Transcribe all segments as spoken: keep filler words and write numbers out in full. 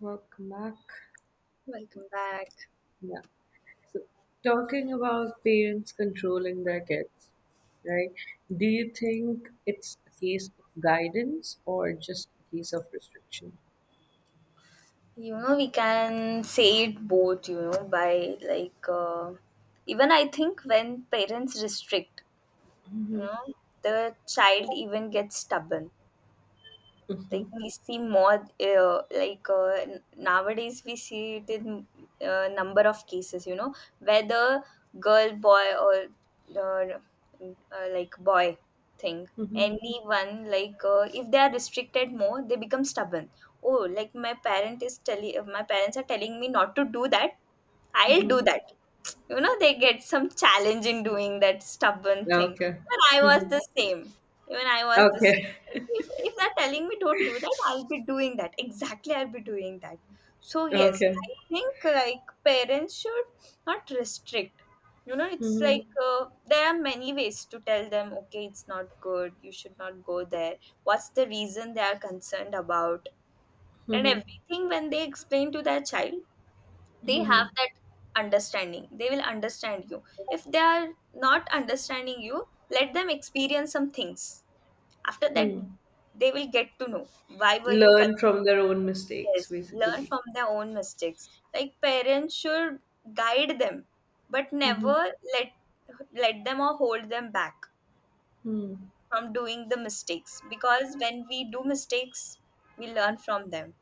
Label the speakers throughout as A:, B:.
A: Fuck Mac.
B: Welcome back.
A: Yeah. So talking about parents controlling their kids, right? Do you think it's a case of guidance or just a case of restriction?
B: You know, we can say it both, you know, by like, uh, even I think when parents restrict, you know, the child even gets stubborn.
A: Mm-hmm.
B: Like we see more uh, like uh, n- nowadays we see it in uh, number of cases, you know whether girl, boy, or uh, uh, like boy thing, anyone, like uh, if they are restricted more they become stubborn. Oh, like my parent is telling my parents are telling me not to do that, I'll
A: Mm-hmm.
B: do that. You know, they get some challenge in doing that stubborn thing.
A: Okay.
B: even i was
A: Mm-hmm.
B: the same Even I was the
A: Okay.
B: same. If if they're telling me don't do that, I'll be doing that, exactly, I'll be doing that. So yes,
A: Okay.
B: I think like parents should not restrict. You know it's
A: Mm-hmm.
B: like uh, There are many ways to tell them, okay, it's not good, you should not go there. What's the reason they are concerned about, and
A: Mm-hmm.
B: everything. When they explain to their child, they have that understanding, they will understand you. If they are not understanding you, let them experience some things. After that, they will get to know why were you con-
A: Learn from their own mistakes,
B: yes, learn
A: basically.
B: from their own mistakes. Like parents should guide them, but never let let them or hold them back
A: Mm-hmm.
B: from doing the mistakes, because when we do mistakes, we learn from them.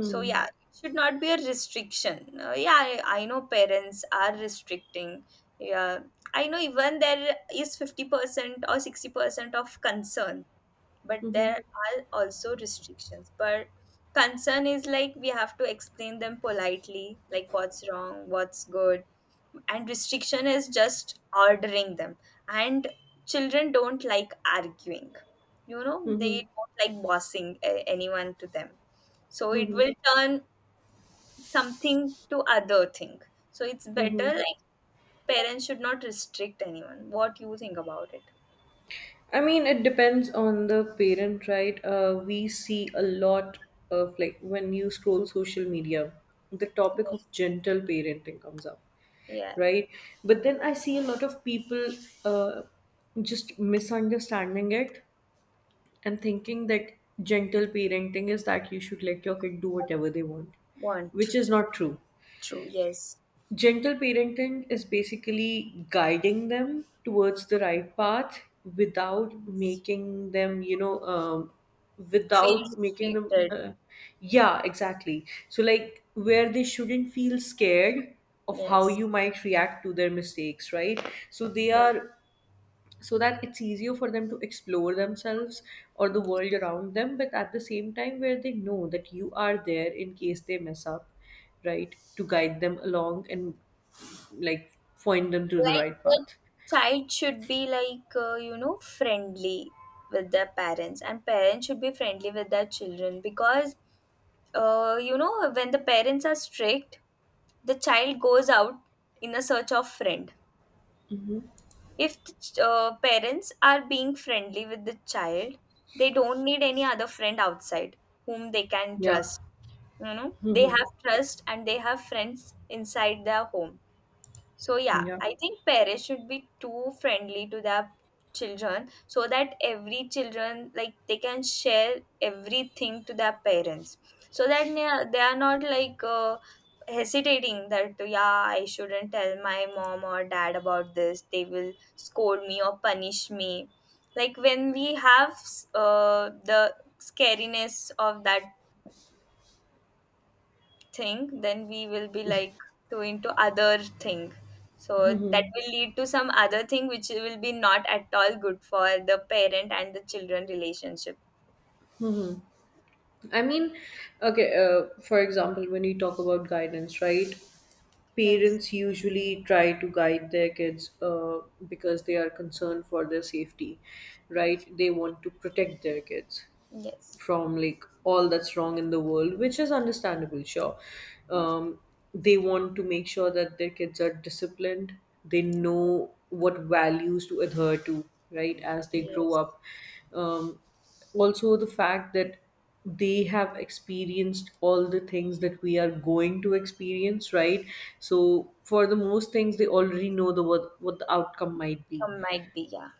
B: So yeah, it should not be a restriction. Uh, yeah, I, I know parents are restricting. Yeah, I know even there is fifty percent or sixty percent of concern, but
A: Mm-hmm.
B: there are also restrictions. But concern is like we have to explain them politely, like what's wrong, what's good, and restriction is just ordering them. And children don't like arguing. You know,
A: Mm-hmm.
B: they don't like bossing uh, anyone to them, so it will turn something to other thing, so it's
A: Mm-hmm.
B: better like parents should not restrict anyone. What you think about it?
A: I mean, it depends on the parent, right? Uh, we see a lot of like when you scroll social media, the topic
B: Yes.
A: of gentle parenting comes up,
B: Yeah.
A: right? But then I see a lot of people uh, just misunderstanding it and thinking that gentle parenting is that you should let your kid do whatever they want,
B: Want
A: which is not true.
B: true, yes.
A: Gentle parenting is basically guiding them towards the right path without making them, you know, um,
B: Feel
A: without making them.
B: restricted,
A: Uh, yeah, exactly. So, like, where they shouldn't feel scared of how
B: yes.
A: you might react to their mistakes, right? So, they
B: Yes,
A: are so that it's easier for them to explore themselves or the world
B: yes.
A: around them, but at the same time, where they know that you are there in case they mess up, right, to guide them along and, like, point them to the
B: Like
A: right
B: the
A: path.
B: child should be like uh, you know, friendly with their parents, and parents should be friendly with their children, because uh, you know, when the parents are strict, the child goes out in a search of friend. If the ch- uh, parents are being friendly with the child, they don't need any other friend outside whom they can
A: Yeah,
B: trust. You know, they have trust and they have friends inside their home. So yeah,
A: yeah.
B: I think parents should be too friendly to their children, so that every children like they can share everything to their parents, so that they are they are not like uh, hesitating that yeah, I shouldn't tell my mom or dad about this, they will scold me or punish me. Like when we have uh, the scariness of that thing, then we will be like doing to into other thing, so that will lead to some other thing which will be not at all good for the parent and the children relationship.
A: I mean, okay, uh, for example, when you talk about guidance, right?
B: Yes.
A: Parents usually try to guide their kids uh, because they are concerned for their safety, right? They want to protect their kids
B: Yes.
A: from like all that's wrong in the world, which is understandable, sure. Um, they want to make sure that their kids are disciplined, they know what values to adhere to, right, as they grow
B: Yes.
A: up. Um, Also, the fact that they have experienced all the things that we are going to experience, right? So, for the most things, they already know the what, what the outcome might be,
B: Some might be, yeah.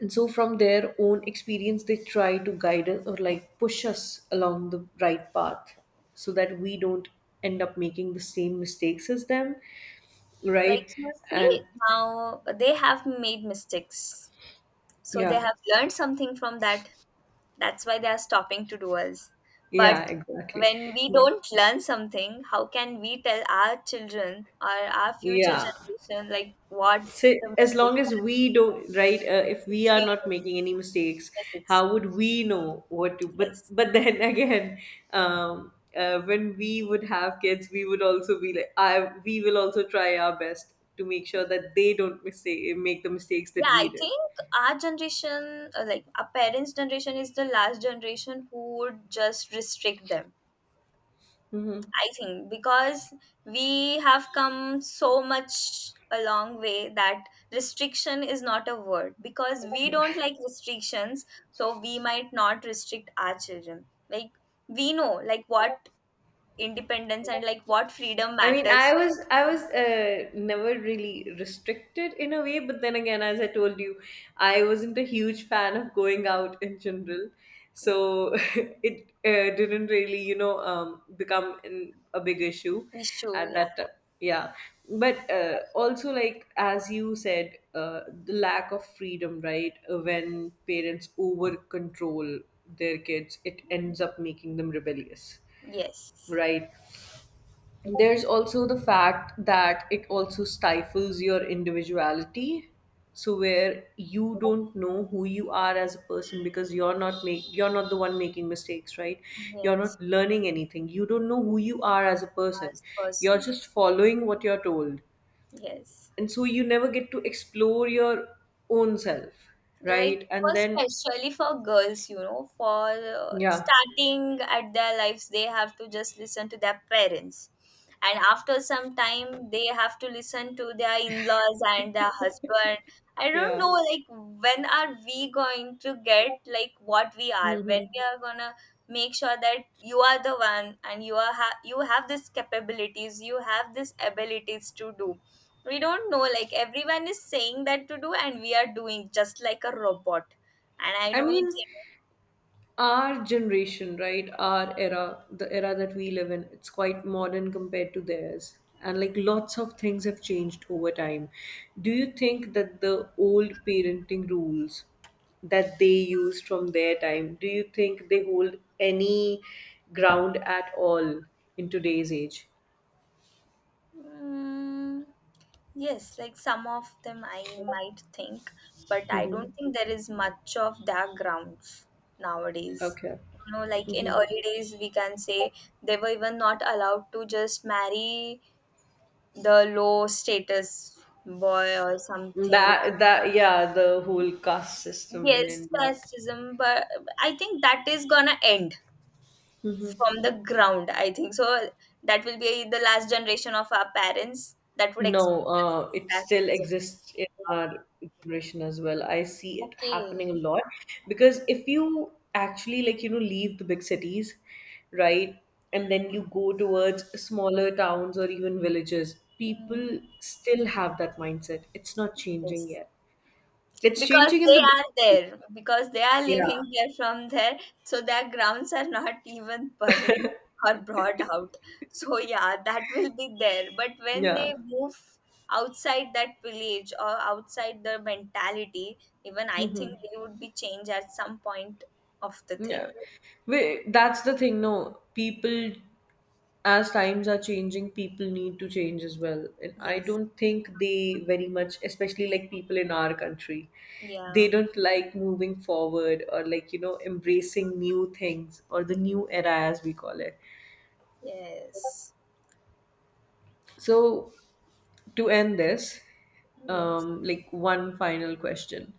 A: and so from their own experience they try to guide us or, like, push us along the right path so that we don't end up making the same mistakes as them,
B: Like
A: right?
B: you
A: And
B: see, now they have made mistakes, so they
A: yeah,
B: have learned something from that. That's why they are stopping to do us.
A: yeah,
B: But
A: exactly,
B: when we don't learn something, how can we tell our children or our future
A: yeah.
B: generation like what
A: So
B: the
A: as long
B: mistakes
A: as
B: are?
A: we don't, right? Uh, if we are not
B: Experience
A: making any mistakes,
B: mistakes.
A: how would we know what to? But
B: Yes.
A: but then again, um, uh, when we would have kids, we would also be like, I we will also try our best to make sure that they don't mistake make the mistakes
B: Yeah,
A: that we
B: I
A: did.
B: think our generation, uh, like our parents' generation, is the last generation who would just restrict them. I think because we have come so much a long way that restriction is not a word, because we don't like restrictions, so we might not restrict our children. Like we know like what independence and like what freedom
A: I mean, I
B: matters.
A: was I was uh, never really restricted in a way, but then again, as I told you, I wasn't a huge fan of going out in general, so it uh, didn't really, you know, um, become an, a big issue
B: Issue,
A: at
B: yeah.
A: that time. Yeah, but uh, also like as you said, uh, the lack of freedom, right? Uh, When parents over control their kids, it ends up making them rebellious,
B: Yes.
A: right. There's also the fact that it also stifles your individuality, so where you don't know who you are as a person because you're not make you're not the one making mistakes, right? You're
B: Yes.
A: not learning anything, you don't know who you are as a person,
B: As
A: you're
B: person.
A: just following what you're told,
B: Yes.
A: and so you never get to explore your own self,
B: Like
A: right?
B: for,
A: And then
B: especially for girls, you know, for uh,
A: yeah,
B: starting at their lives, they have to just listen to their parents, and after some time they have to listen to their in-laws and their husband. I don't
A: yeah,
B: know like when are we going to get like what we are,
A: hmm.
B: when we are gonna make sure that you are the one and you are ha- you have these capabilities, you have these abilities to do. We don't know, like everyone is saying that to do and we are doing just like a robot. And I
A: I
B: don't
A: mean, our generation, right? Our era, the era that we live in, it's quite modern compared to theirs. And like lots of things have changed over time. Do you think that the old parenting rules that they used from their time, do you think they hold any ground at all in today's age?
B: think. mm, yes, like some of them I might think, but I
A: Mm-hmm.
B: don't think there is much of their grounds nowadays.
A: Okay.
B: You know, like in
A: Hmm.
B: early days we can say they were even not allowed to just marry the low status boy or something.
A: That, that, yeah, the whole caste system in
B: Yes,
A: India.
B: casteism, but I think that is gonna end
A: Mhm.
B: from the ground, I think. So that will be the last generation of our parents that would
A: No,
B: experience
A: uh, it
B: this
A: still
B: racism.
A: exists in our generation as well. I see it
B: Okay.
A: happening a lot because if you actually, like, you know, leave the big cities, right, and then you go towards smaller towns or even villages,
B: Mm,
A: people still have that mindset. It's not changing
B: yes.
A: yet. It's
B: Because
A: changing in the
B: they are
A: big,
B: there, because they are
A: yeah,
B: living here from there, so their grounds are not even buried or brought out. So yeah, that will be there. But when
A: yeah,
B: they move outside that village or outside the mentality, even I think they would be changed at some point of the
A: yeah.
B: thing.
A: We, that's the thing, no, people, as times are changing, people need to change as well. And I
B: Yes.
A: don't think they very much, especially like people in our country, they
B: Yeah,
A: don't like moving forward or like, you know, embracing new things or the new era as we call it.
B: yes,
A: So, to end this,
B: yes.
A: um, like one final question,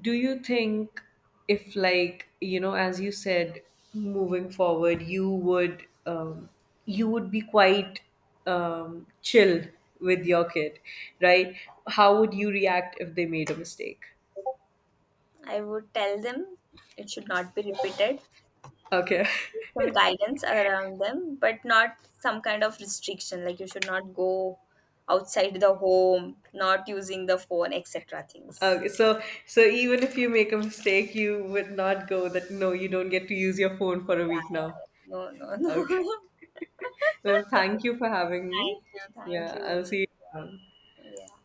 A: do you think, if, like, you know, as you said, moving forward you would, um, you would be quite um, chill with your kid, right, how would you react if they made a mistake?
B: I would tell them it should not be repeated.
A: Okay.
B: Some guidance around them, but not some kind of restriction like you should not go outside the home, not using the phone, et cetera things.
A: Okay, so so even if you make a mistake you would not go that, no, you don't get to use your phone for a
B: Yeah,
A: week
B: yeah,
A: now.
B: yeah. No, no,
A: Okay,
B: no.
A: well, thank you for having me.
B: Thank you, thank
A: Yeah, I'll
B: you.
A: see you around.
B: Yeah.